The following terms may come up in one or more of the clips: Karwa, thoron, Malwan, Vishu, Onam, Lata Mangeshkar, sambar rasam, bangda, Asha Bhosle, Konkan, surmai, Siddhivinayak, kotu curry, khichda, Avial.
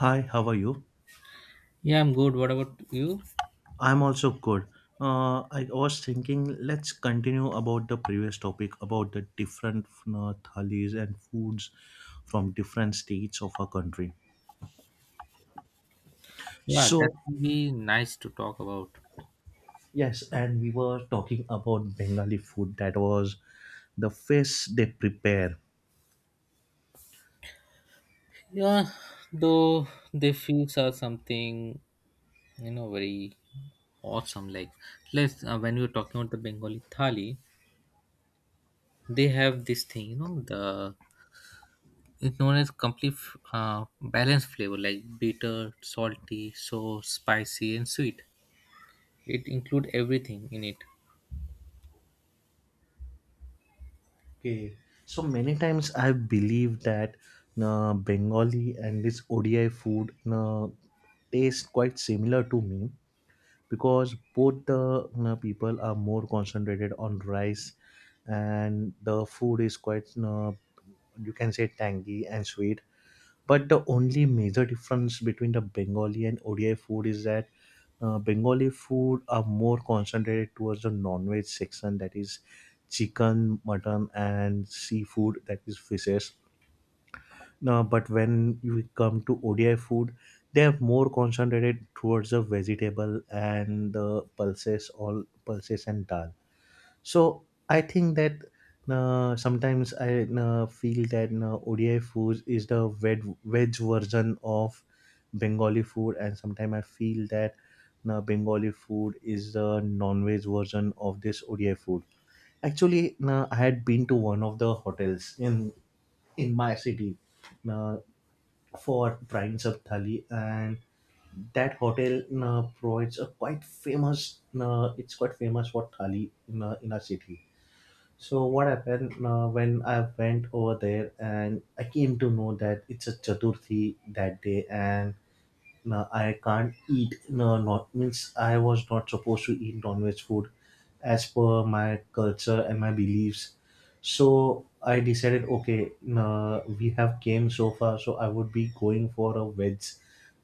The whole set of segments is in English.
Hi, how are you? Yeah, I'm good. What about you? I'm also good. I was thinking, let's continue about the previous topic about the different thalis and foods from different states of our country. Yeah, So, that can be nice to talk about. yes, and we were talking about Bengali food that was the fish they prepare. Yeah, though the fields are something, very awesome. Like, when we were talking about the Bengali Thali, they have this thing, the it's known as complete balanced flavor like bitter, salty, so spicy, and sweet. It include everything in it. Okay. So many times I believe that Bengali and this ODI food taste quite similar to me because both the, you know, people are more concentrated on rice, and the food is quite, you know, you can say tangy and sweet, but the only major difference between the Bengali and ODI food is that Bengali food are more concentrated towards the non-veg section, that is chicken, mutton and seafood, that is fishes. But when you come to ODI food, they have more concentrated towards the vegetable and the pulses, all pulses and dal. So I think that sometimes I feel that ODI food is the veg version of Bengali food, and sometimes I feel that Bengali food is the non-veg version of this ODI food. Actually, I had been to one of the hotels in my city. Uh, for Prince of Thali, and that hotel provides a quite famous. It's quite famous for thali in a city. So what happened, when I went over there and I came to know that it's a Chaturthi that day and I can't eat, no, not, means I was not supposed to eat non-veg food as per my culture and my beliefs. So I decided, okay, we have came so far, so I would be going for a veg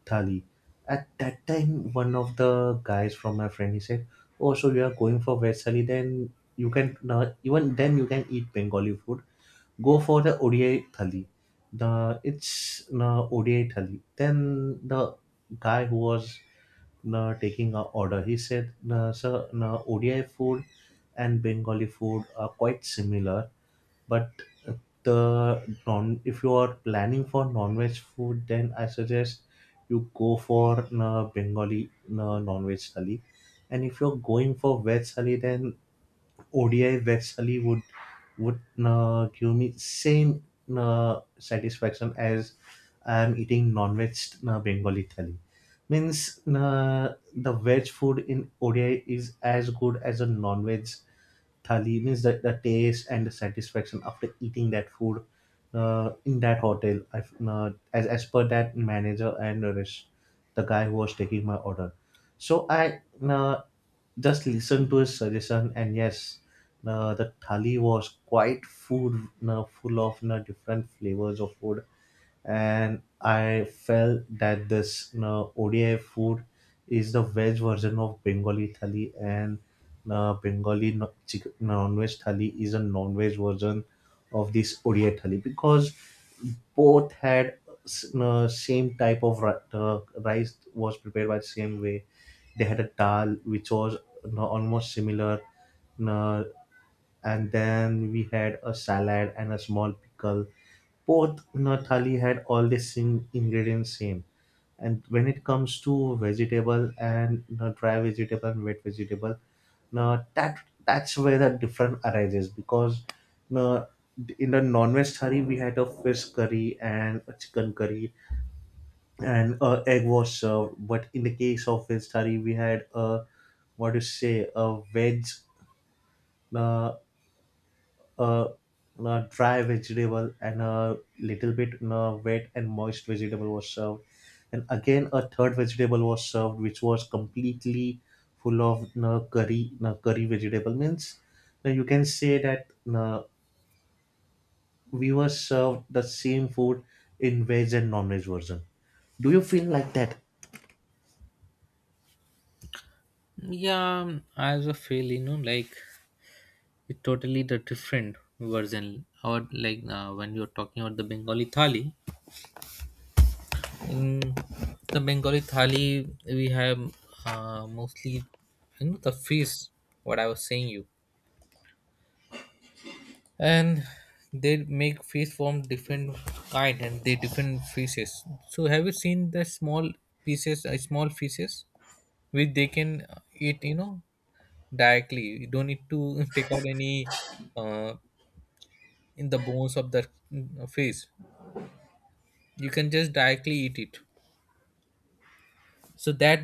thali. At that time, one of the guys from my friend, he said, "Oh, so you are going for veg thali? Then you can, even then you can eat Bengali food. Go for the ODI thali. The it's ODI thali." Then the guy who was, na, taking our order, he said, na, Sir, na, ODI food and Bengali food are quite similar, but the non, if you are planning for non-veg food, then I suggest you go for, na, Bengali, na, non-veg thali. And if you're going for veg thali, then ODI veg thali would give me same satisfaction as I am eating non-veg Bengali thali. Means the veg food in ODI is as good as a non-veg thali. Means that the taste and the satisfaction after eating that food, in that hotel, as per that manager and the rest, the guy who was taking my order. So I uh, just listen to his suggestion, and yes, the thali was quite food full of different flavors of food, and I felt that this oda food is the veg version of Bengali thali, and Bengali non-veg thali is a non-veg version of this ODI thali, because both had same type of rice was prepared by the same way. They had a dal which was, no, almost similar. No, and then we had a salad and a small pickle. Both, no, thali had all the same ingredients same. And when it comes to vegetable and, no, dry vegetable and wet vegetable, no, that's where the difference arises, because no, in the non-veg curry we had a fish curry and a chicken curry, and egg was served, but in the case of veg curry we had a, what to say, a veg uh, uh, dry vegetable, and a little bit wet and moist vegetable was served, and again a third vegetable was served which was completely full of curry vegetable, means you can say that uh, we were served the same food in veg and non-veg version. Do you feel like that? Yeah, I also feel, like it's totally the different version. Or like when you're talking about the Bengali thali, in the Bengali thali we have mostly the fish. What I was saying you, and they make fish from different kind and they different fishes. So have you seen the small pieces, small fishes which they can eat? You know directly. You don't need to take out any uh, in the bones of the fish. You can just directly eat it, so that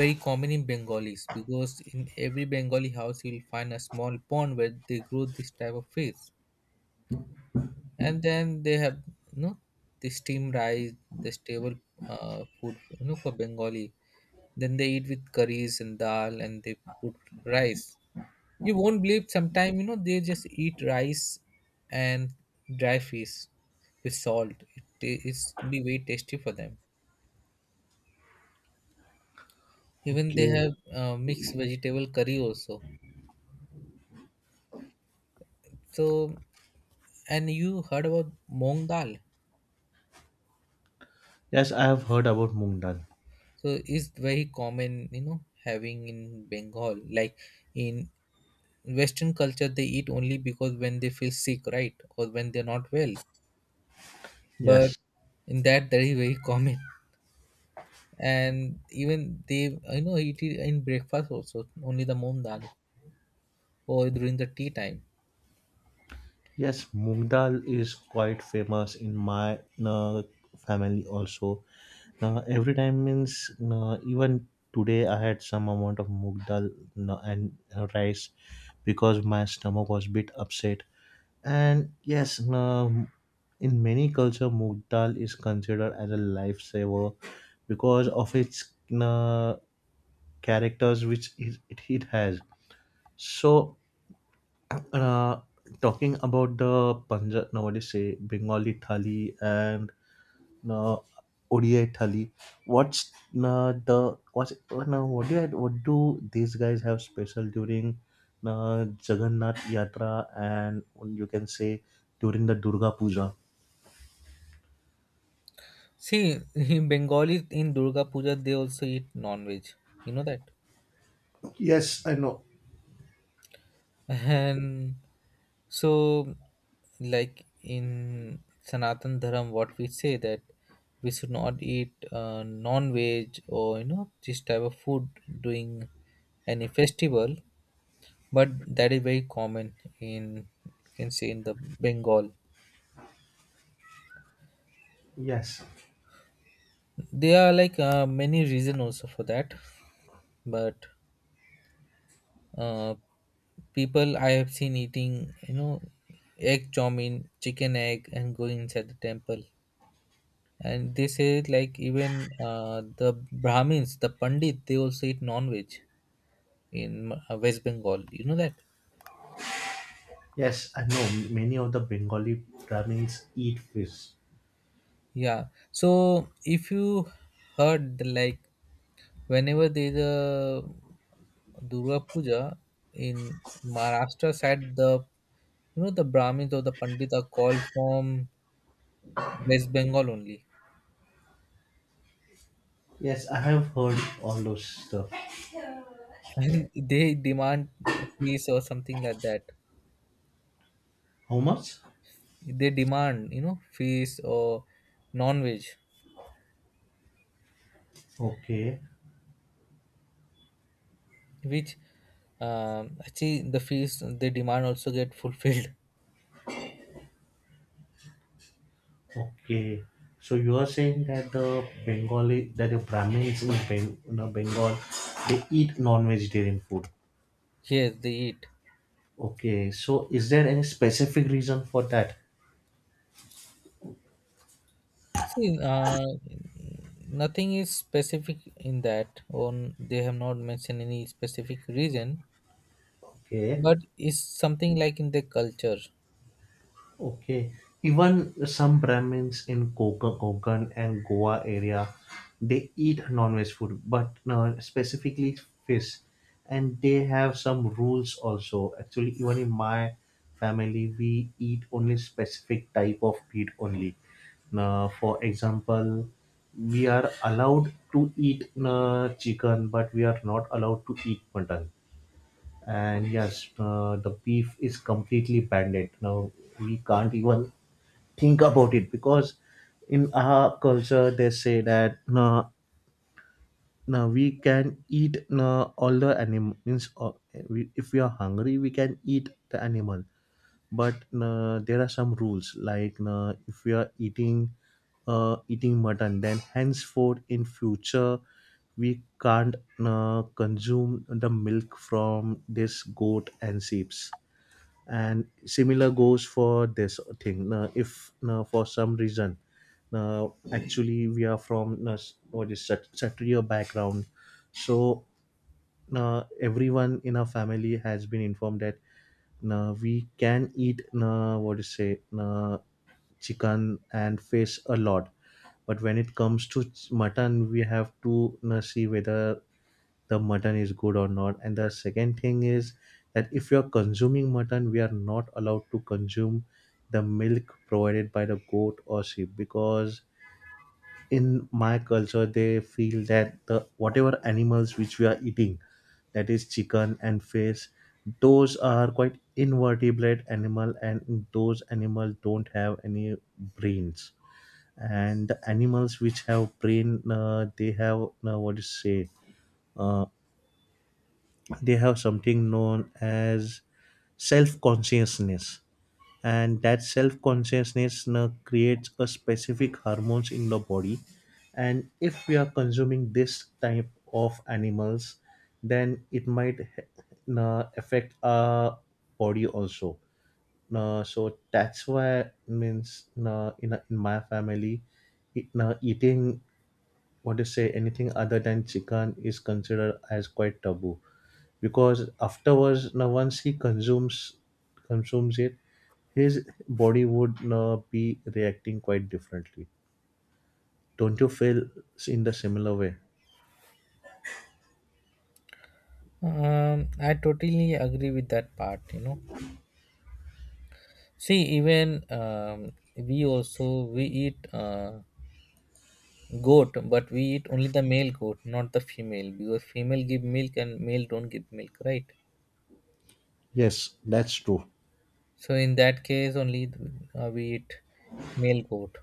very common in bengalis because in every bengali house you'll find a small pond where they grow this type of fish. And then they have, you know the steamed rice, the stable food, for bengali. Then they eat with curries and dal, and they put rice. You won't believe sometimes they just eat rice and dry fish with salt. It's be very tasty for them. Even they Okay. have mixed vegetable curry also. So, and you heard about Mong Dal. Yes, I have heard about moong dal. So, is very common, having in Bengal. Like in Western culture, they eat only because when they feel sick, right? Or when they're not well. But Yes. in that, that is very common. And even they, eat it in breakfast also, only the Mong Dal or during the tea time. Yes, moong dal is quite famous in my uh, family also. Every time, means even today I had some amount of moong dal and rice because my stomach was bit upset. And yes, in many culture moong dal is considered as a lifesaver because of its uh, characters which it has. So uh, talking about the Punjab, no, what do you say, Bengali thali and uh, ODI thali. What's now? What do you, what do these guys have special during Jagannath Yatra and you can say during the Durga Puja? See, in Bengalis in Durga Puja, they also eat non-veg. You know that? Yes, I know. And so, like in Sanatan Dharam, what we say that we should not eat non-veg or this type of food during any festival, but that is very common in you can say in the Bengal. Yes, There are like many reason also for that, but uh, people I have seen eating egg chow mein, chicken egg, and going inside the temple. And they say like even the Brahmins, the Pandit, they also eat non-veg in West Bengal. You know that? yes, I know. Many of the Bengali Brahmins eat fish. Yeah. So if you heard the, like whenever there's a Durga Puja in Maharashtra side, the the Brahmins or the Pandit are called from West Bengal only, Yes, I have heard all those stuff. and they demand feast or something like that. How much? They demand feast or non-veg. Okay. Which see the fees they demand also get fulfilled. Okay, so you are saying that the Bengali, that the Brahmins in Beng, you know, Bengal, they eat non-vegetarian food. Yes, they eat. Okay, so is there any specific reason for that? See, nothing is specific in that on they have not mentioned any specific reason, Okay. but it's something like in the culture. Okay. Even some Brahmins in Koka, Konkan and Goa area, they eat non-veg food, but specifically fish. And they have some rules also. Actually, even in my family, we eat only specific type of meat only. Now, for example, we are allowed to eat chicken, but we are not allowed to eat mutton. And yes, the beef is completely banned. Now we can't even think about it, because in our culture they say that, no, no, we can eat, no, all the animals, means we, if we are hungry we can eat the animal, but no, there are some rules, like no, if we are eating mutton, then henceforth in future we can't consume the milk from this goat and sheep, and similar goes for this thing. Now if, now for some reason, now actually we are from what is, Satriya background, so now everyone in our family has been informed that now we can eat, now what is say, now chicken and fish a lot, but when it comes to mutton, we have to now see whether the mutton is good or not, and the second thing is that if you are consuming mutton, we are not allowed to consume the milk provided by the goat or sheep, because in my culture they feel that the whatever animals which we are eating, that is chicken and fish, those are quite invertebrate animal, and those animals don't have any brains, and the animals which have brain, they have, what do you say, uh, they have something known as self consciousness, and that self consciousness now creates a specific hormones in the body. And if we are consuming this type of animals, then it might affect our body also. So that's why, means in my family, eating, what to say, anything other than chicken is considered as quite taboo, because afterwards now once he consumes it, his body would be reacting quite differently. Don't you feel in the similar way? I totally agree with that part, you know. See even we also we eat goat, but we eat only the male goat not the female, because female give milk and male don't give milk, right? Yes, that's true. So in that case, only we eat male goat.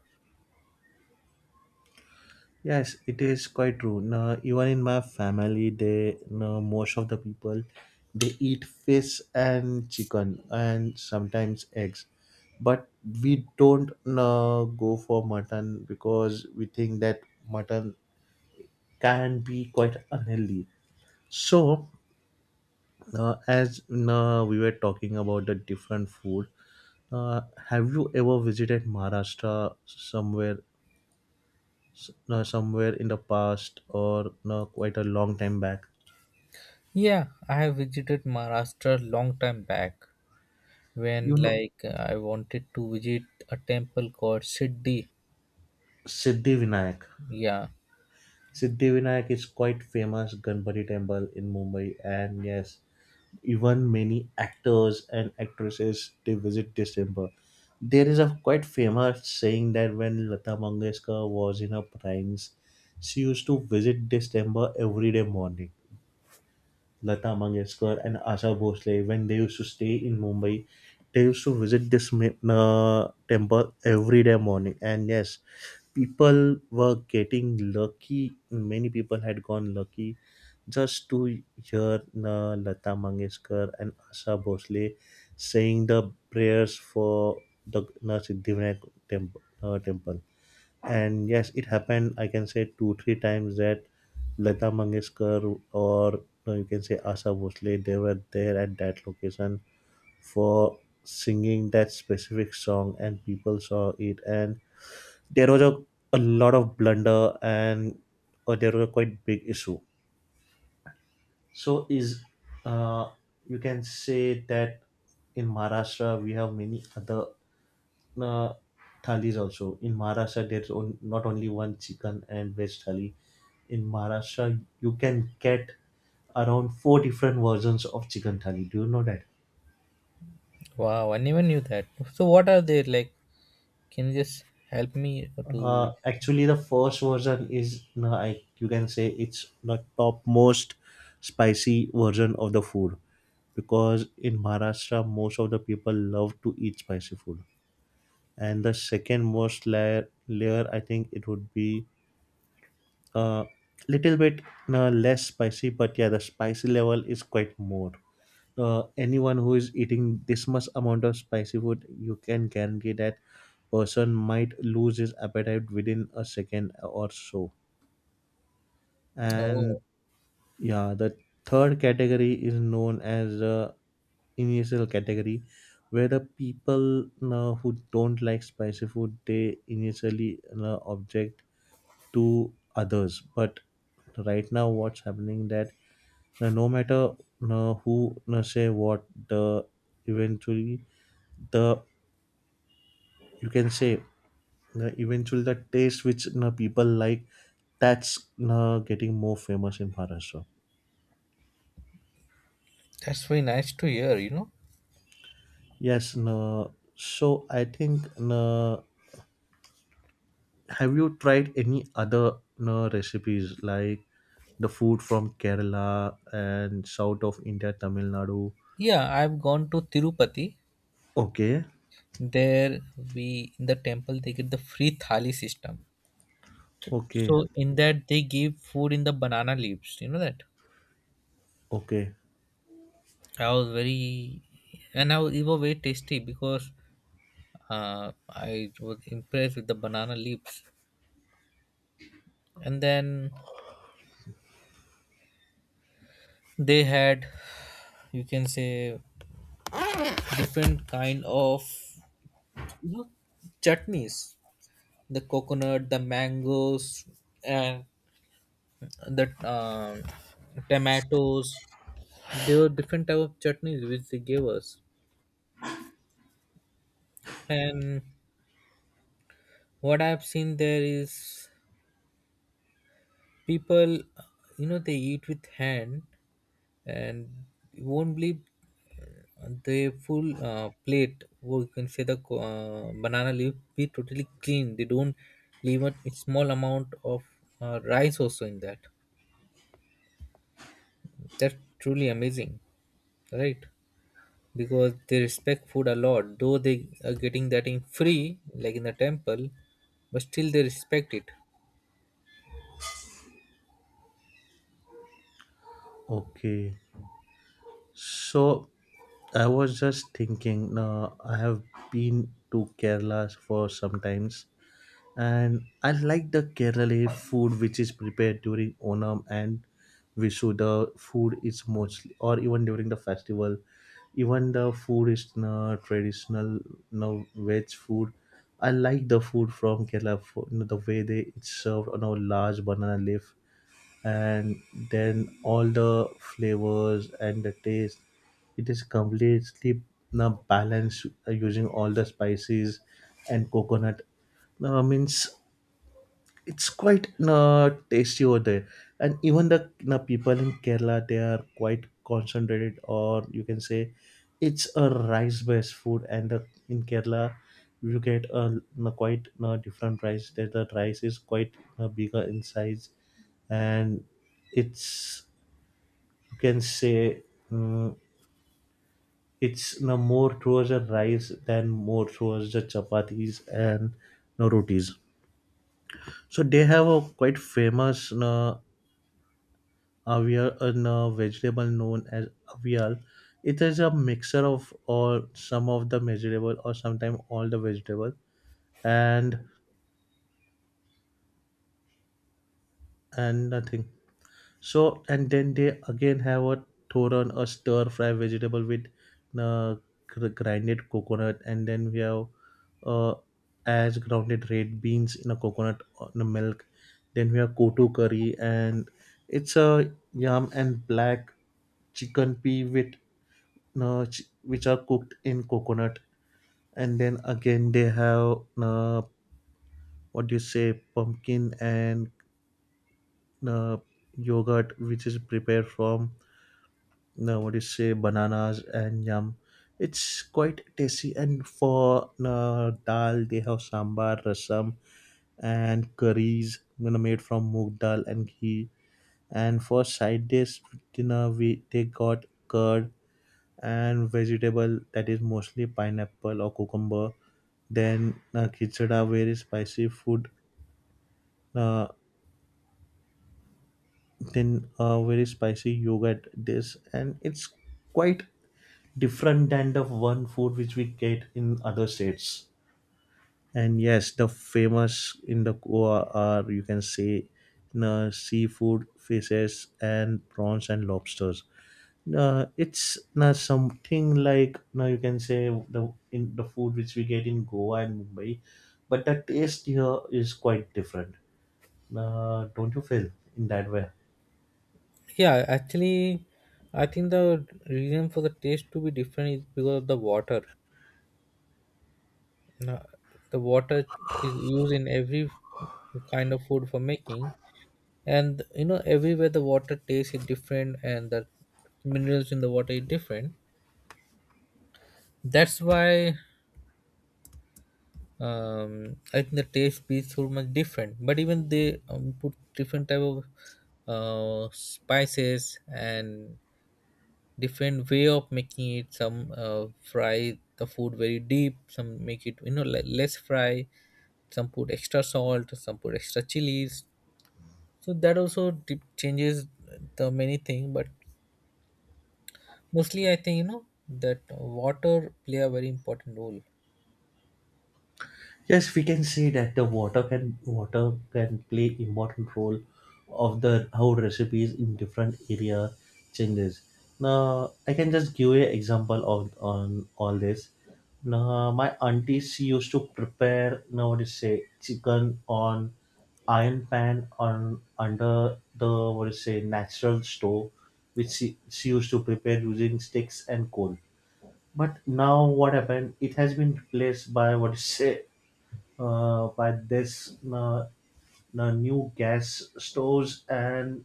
Yes, it is quite true. Now, even in my family, they now most of the people, they eat fish and chicken and sometimes eggs, but we don't now go for mutton, because we think that mutton can be quite unhealthy. So, as now we were talking about the different food, have you ever visited Maharashtra somewhere, no, somewhere in the past, or no, quite a long time back. Yeah, I have visited Maharashtra long time back when You know, like I wanted to visit a temple called Siddhi. Siddhivinayak. Yeah. Siddhivinayak is quite famous Ganpati temple in Mumbai, and yes, even many actors and actresses they visit this temple. There is a quite famous saying that when Lata Mangeshkar was in her primes, she used to visit this temple every day morning. Lata Mangeshkar and Asha Bhosle, when they used to stay in Mumbai, they used to visit this temple every day morning. And yes, people were getting lucky. Many people had gone lucky just to hear Lata Mangeshkar and Asha Bhosle saying the prayers for the Siddhivinayak temp- temple, and yes, it happened, I can say two three times, that Lata Mangeshkar, or you can say Asa Bhosle, they were there at that location for singing that specific song, and people saw it, and there was a lot of blunder, and there was a quite big issue. So is, uh, you can say that in Maharashtra we have many other uh, thalis also. In Maharashtra there's on, not only one chicken and veg thali. In Maharashtra, you can get around four different versions of chicken thali. Do you know that? Wow, I never knew that. So what are they like? Can you just help me to? Actually, the first version is, no, I, you can say, it's the topmost spicy version of the food, because in Maharashtra, most of the people love to eat spicy food. And the second most layer I think it would be a little bit less spicy, but yeah, the spicy level is quite more. Anyone who is eating this much amount of spicy food, you can guarantee that person might lose his appetite within a second or so. and Oh, yeah the third category is known as the initial category, where the people who don't like spicy food, they initially object to others. But right now what's happening, that no matter who say what, the eventually, the you can say, eventually the taste which, people like, that's, getting more famous in Maharashtra. that's very nice to hear, you know. Yes, you, so I think you, have you tried any other, you, recipes like the food from Kerala and south of India, Tamil Nadu? Yeah, I've gone to Tirupati. Okay, There we in the temple they get the free thali system. okay, So in that they gave food in the banana leaves. You know that? okay, I was very, and I was, it was very tasty because I was impressed with the banana leaves. And then they had you can say different kind of, you know, chutneys, the coconut, the mangoes, and the tomatoes. There were different type of chutneys which they gave us. And what I've seen there is people they eat with hand. And you won't believe the full plate or you can say the banana leaf be totally clean. They don't leave a small amount of rice also in that. That's truly amazing, right? Because they respect food a lot, though they are getting that in free like in the temple, but still they respect it. okay. So I was just thinking. I have been to Kerala for some times, and I like the Kerala food which is prepared during Onam and Vishu. The food is mostly, or even during the festival, even the food is na traditional no veg food. I like the food from Kerala, you know, the way they it's served on a large banana leaf, and then all the flavors and the taste. It is completely na balanced using all the spices and coconut. No means, it's quite tasty over there. And even the, you, people in Kerala, they are quite concentrated, or you can say it's a rice based food, in Kerala you get a, you, quite, you, different rice, that the rice is quite, you, bigger in size, and it's, you can say, mm, it's, you, more towards the rice than more towards the chapatis and, you, rotis. So they have a quite famous, you, Avial, a vegetable known as avial. It is a mixture of or some of the vegetable or sometimes all the vegetable and and nothing. So and then they again have a thoron, a stir fry vegetable with uh, grinded coconut, and then we have, uh, as grounded red beans in a coconut on a milk. Then we have kotu curry, and it's a yam and black chicken pea with which are cooked in coconut. And then again they have, what do you say, pumpkin and uh, yogurt, which is prepared from, what do you say, bananas and yam. It's quite tasty, and for dal they have sambar, rasam, and curries, you know, made from moong dal and ghee. And for side dish dinner, we they got curd and vegetable, that is mostly pineapple or cucumber. Then khichda, very spicy food. Uh, then very spicy yogurt. This, and it's quite different than the one food which we get in other states. And yes, the famous in the Goa are, you can say, seafood, fishes, and prawns and lobsters. It's not something like, now you can say, the in the food which we get in Goa and Mumbai, but the taste here is quite different. Don't you feel in that way? Yeah, actually, I think the reason for the taste to be different is because of the water. No, the water is used in every kind of food for making, and you know everywhere the water taste is different, and the minerals in the water is different. That's why I think the taste be so much different. But even they put different type of spices and different way of making it. Some fry the food very deep, some make it, you know, less fry, some put extra salt, some put extra chilies. So that also changes the many thing, but mostly I think, you know, that water play a very important role Yes, we can see that the water can play important role of the how recipes in different area changes. Now I can just give you example of on all this. Now my auntie, she used to prepare, now what to say, chicken on iron pan on under the, what to say, natural stove, which she used to prepare using sticks and coal. But now what happened? It has been replaced by, what to say, by this, the new gas stores and,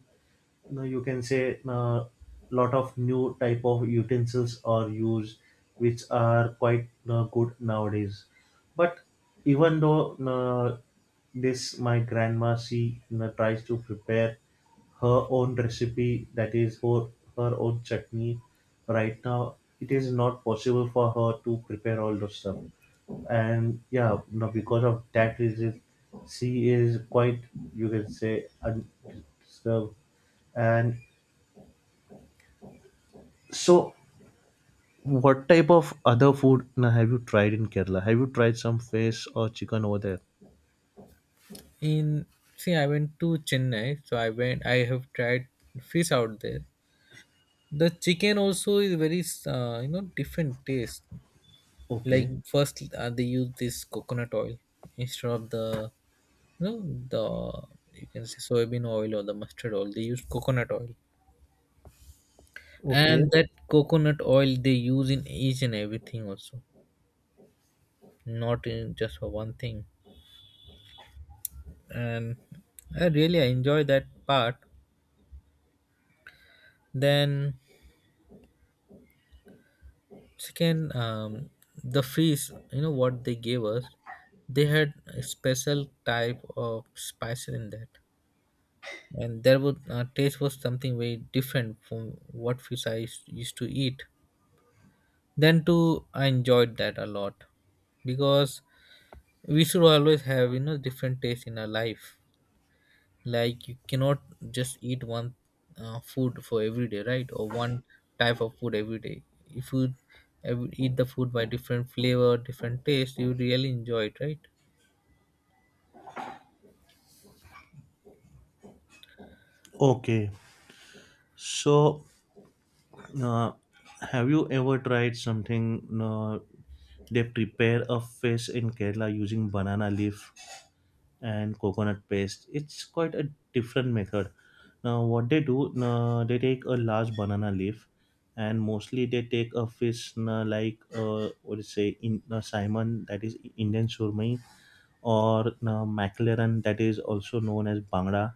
you can say, a lot of new type of utensils are used, which are quite good nowadays. But even though, this, my grandma, she tries to prepare her own recipe, that is for her own chutney. Right now it is not possible for her to prepare all those stuff. And yeah, no, because of that reason, she is quite, you can say, undisturbed. And so, what type of other food, now, have you tried in Kerala? Have you tried some fish or chicken over there? in. See I went to chennai so I went I have tried fish out there. The chicken also is very you know different taste. Like Okay, first they use this coconut oil instead of the, you know, the you can say soybean oil or the mustard oil, they use coconut oil. And okay, that coconut oil they use in each and everything also, not in just for one thing. And I really I enjoy that part. Then second, the fish, you know, what they gave us, they had a special type of spices in that. And there would taste was something very different from what fish I used to eat. Then too, I enjoyed that a lot, because we should always have, you know, different taste in our life. Like you cannot just eat one food for every day, right? Or one type of food every day. If you eat the food by different flavor, different taste, you really enjoy it, right? okay. So uh, have you ever tried something, they prepare a fish in Kerala using banana leaf and coconut paste. It's quite a different method. Now, what they do, they take a large banana leaf, and mostly they take a fish, like, what do you say in, salmon, that is Indian surmai, or mackerel, that is also known as bangda,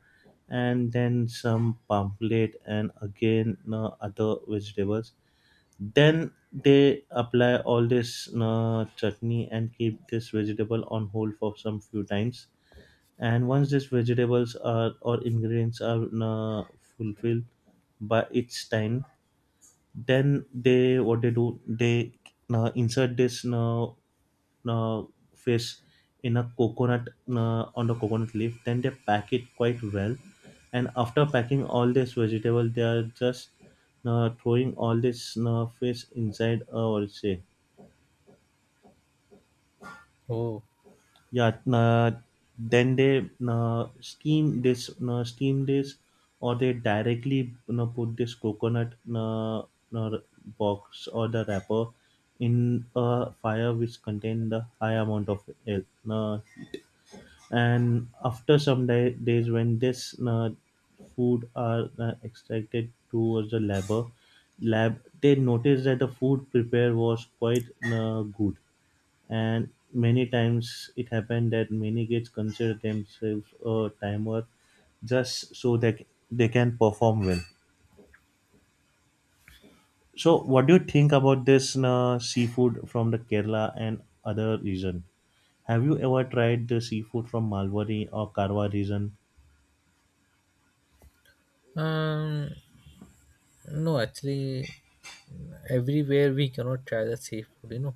and then some pamphlet and again other vegetables. Then they apply all this chutney and keep this vegetable on hold for some few times. And once these vegetables are, or ingredients are, fulfilled by its time, then, they what they do, they insert this, uh, fish in a coconut, on the coconut leaf, then they pack it quite well. And after packing all this vegetable, they are just throwing all this fish inside, what you say, Oh, yeah, then they steam this, steam this, or they directly, you know, put this coconut, uh, box or the wrapper in a fire which contain the high amount of oil, uh, and after some day, days, when this food are extracted towards the labor, lab, they noticed that the food prepared was quite good. And many times it happened that many kids consider themselves a timer, just so that they can perform well. So, what do you think about this seafood from the Kerala and other region? Have you ever tried the seafood from Malwari or Karwa region? um, no, actually, everywhere we cannot try the same food, you know.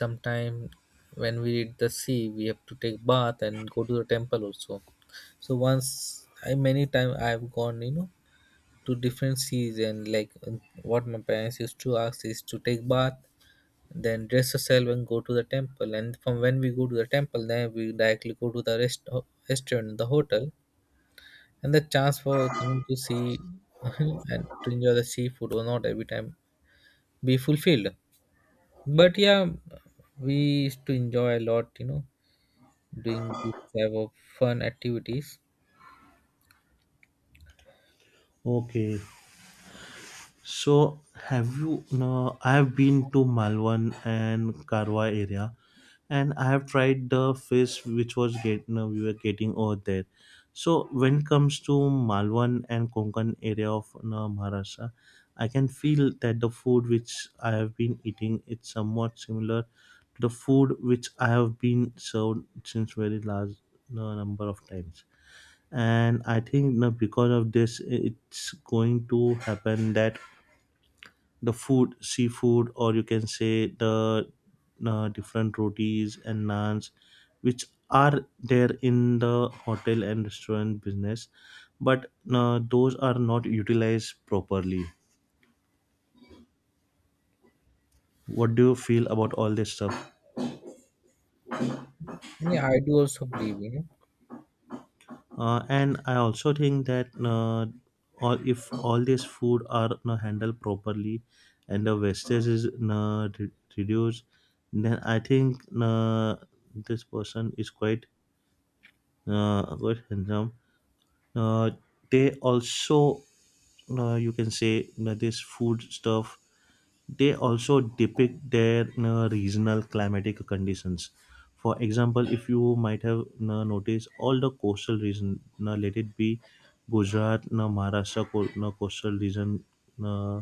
Sometime when we reach the sea we have to take bath and go to the temple also. So once I many time I've gone, you know, to different seas. And like what my parents used to ask is to take bath, then dress yourself and go to the temple. And from when we go to the temple then we directly go to the restaurant, the hotel. And the chance for coming to see and to enjoy the seafood or not every time be fulfilled. But yeah, we used to enjoy a lot, you know, doing this type of fun activities. Okay. So have you, no, I have been to Malwan and Karwa area, and I have tried the fish which was get, no, we were getting over there. So when it comes to Malwan and Konkan area of, no, Maharashtra, I can feel that the food which I have been eating, it's somewhat similar to the food which I have been served since very large, no, number of times. And I think, no, because of this, it's going to happen that the food, seafood, or you can say the different rotis and naans, which are there in the hotel and restaurant business, but those are not utilized properly. What do you feel about all this stuff? Yeah, I do also believe, you know. And I also think that, all, if all this food are handled properly and the wastage is reduced, then I think this person is quite what syndrome. Uh, they also, you can say, that this food stuff, they also depict their regional climatic conditions. For example, if you might have noticed, all the coastal region, let it be Gujarat, Maharashtra, coastal region, uh,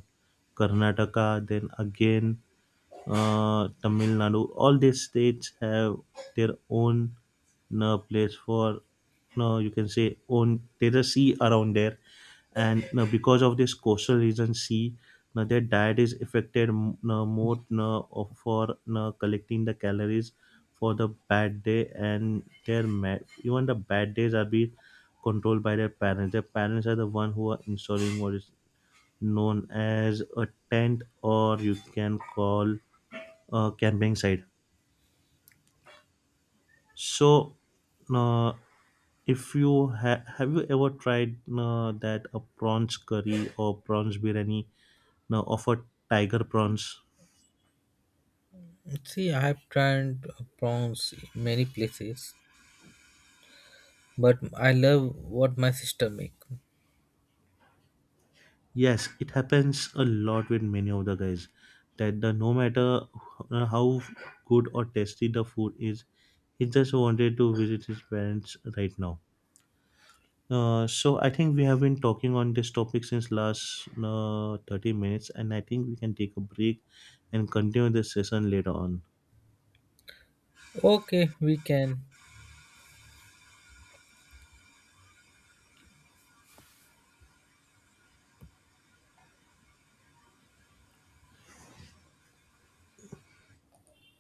Karnataka, then again Tamil Nadu. All these states have their own place for, no, you can say, own. There's a sea around there, and because of this coastal region sea, their diet is affected more for collecting the calories for the bad day, and their even the bad days are being controlled by their parents. Their parents are the one who are installing what is known as a tent, or you can call camping site. So, uh, if you have you ever tried that a prawns curry or prawns biryani, now a tiger prawns? See, I have tried prawns in many places, but I love what my sister make. Yes, it happens a lot with many of the guys, that the, no matter how good or tasty the food is, he just wanted to visit his parents right now. So I think we have been talking on this topic since last 30 minutes, and I think we can take a break and continue this session later on. Okay, we can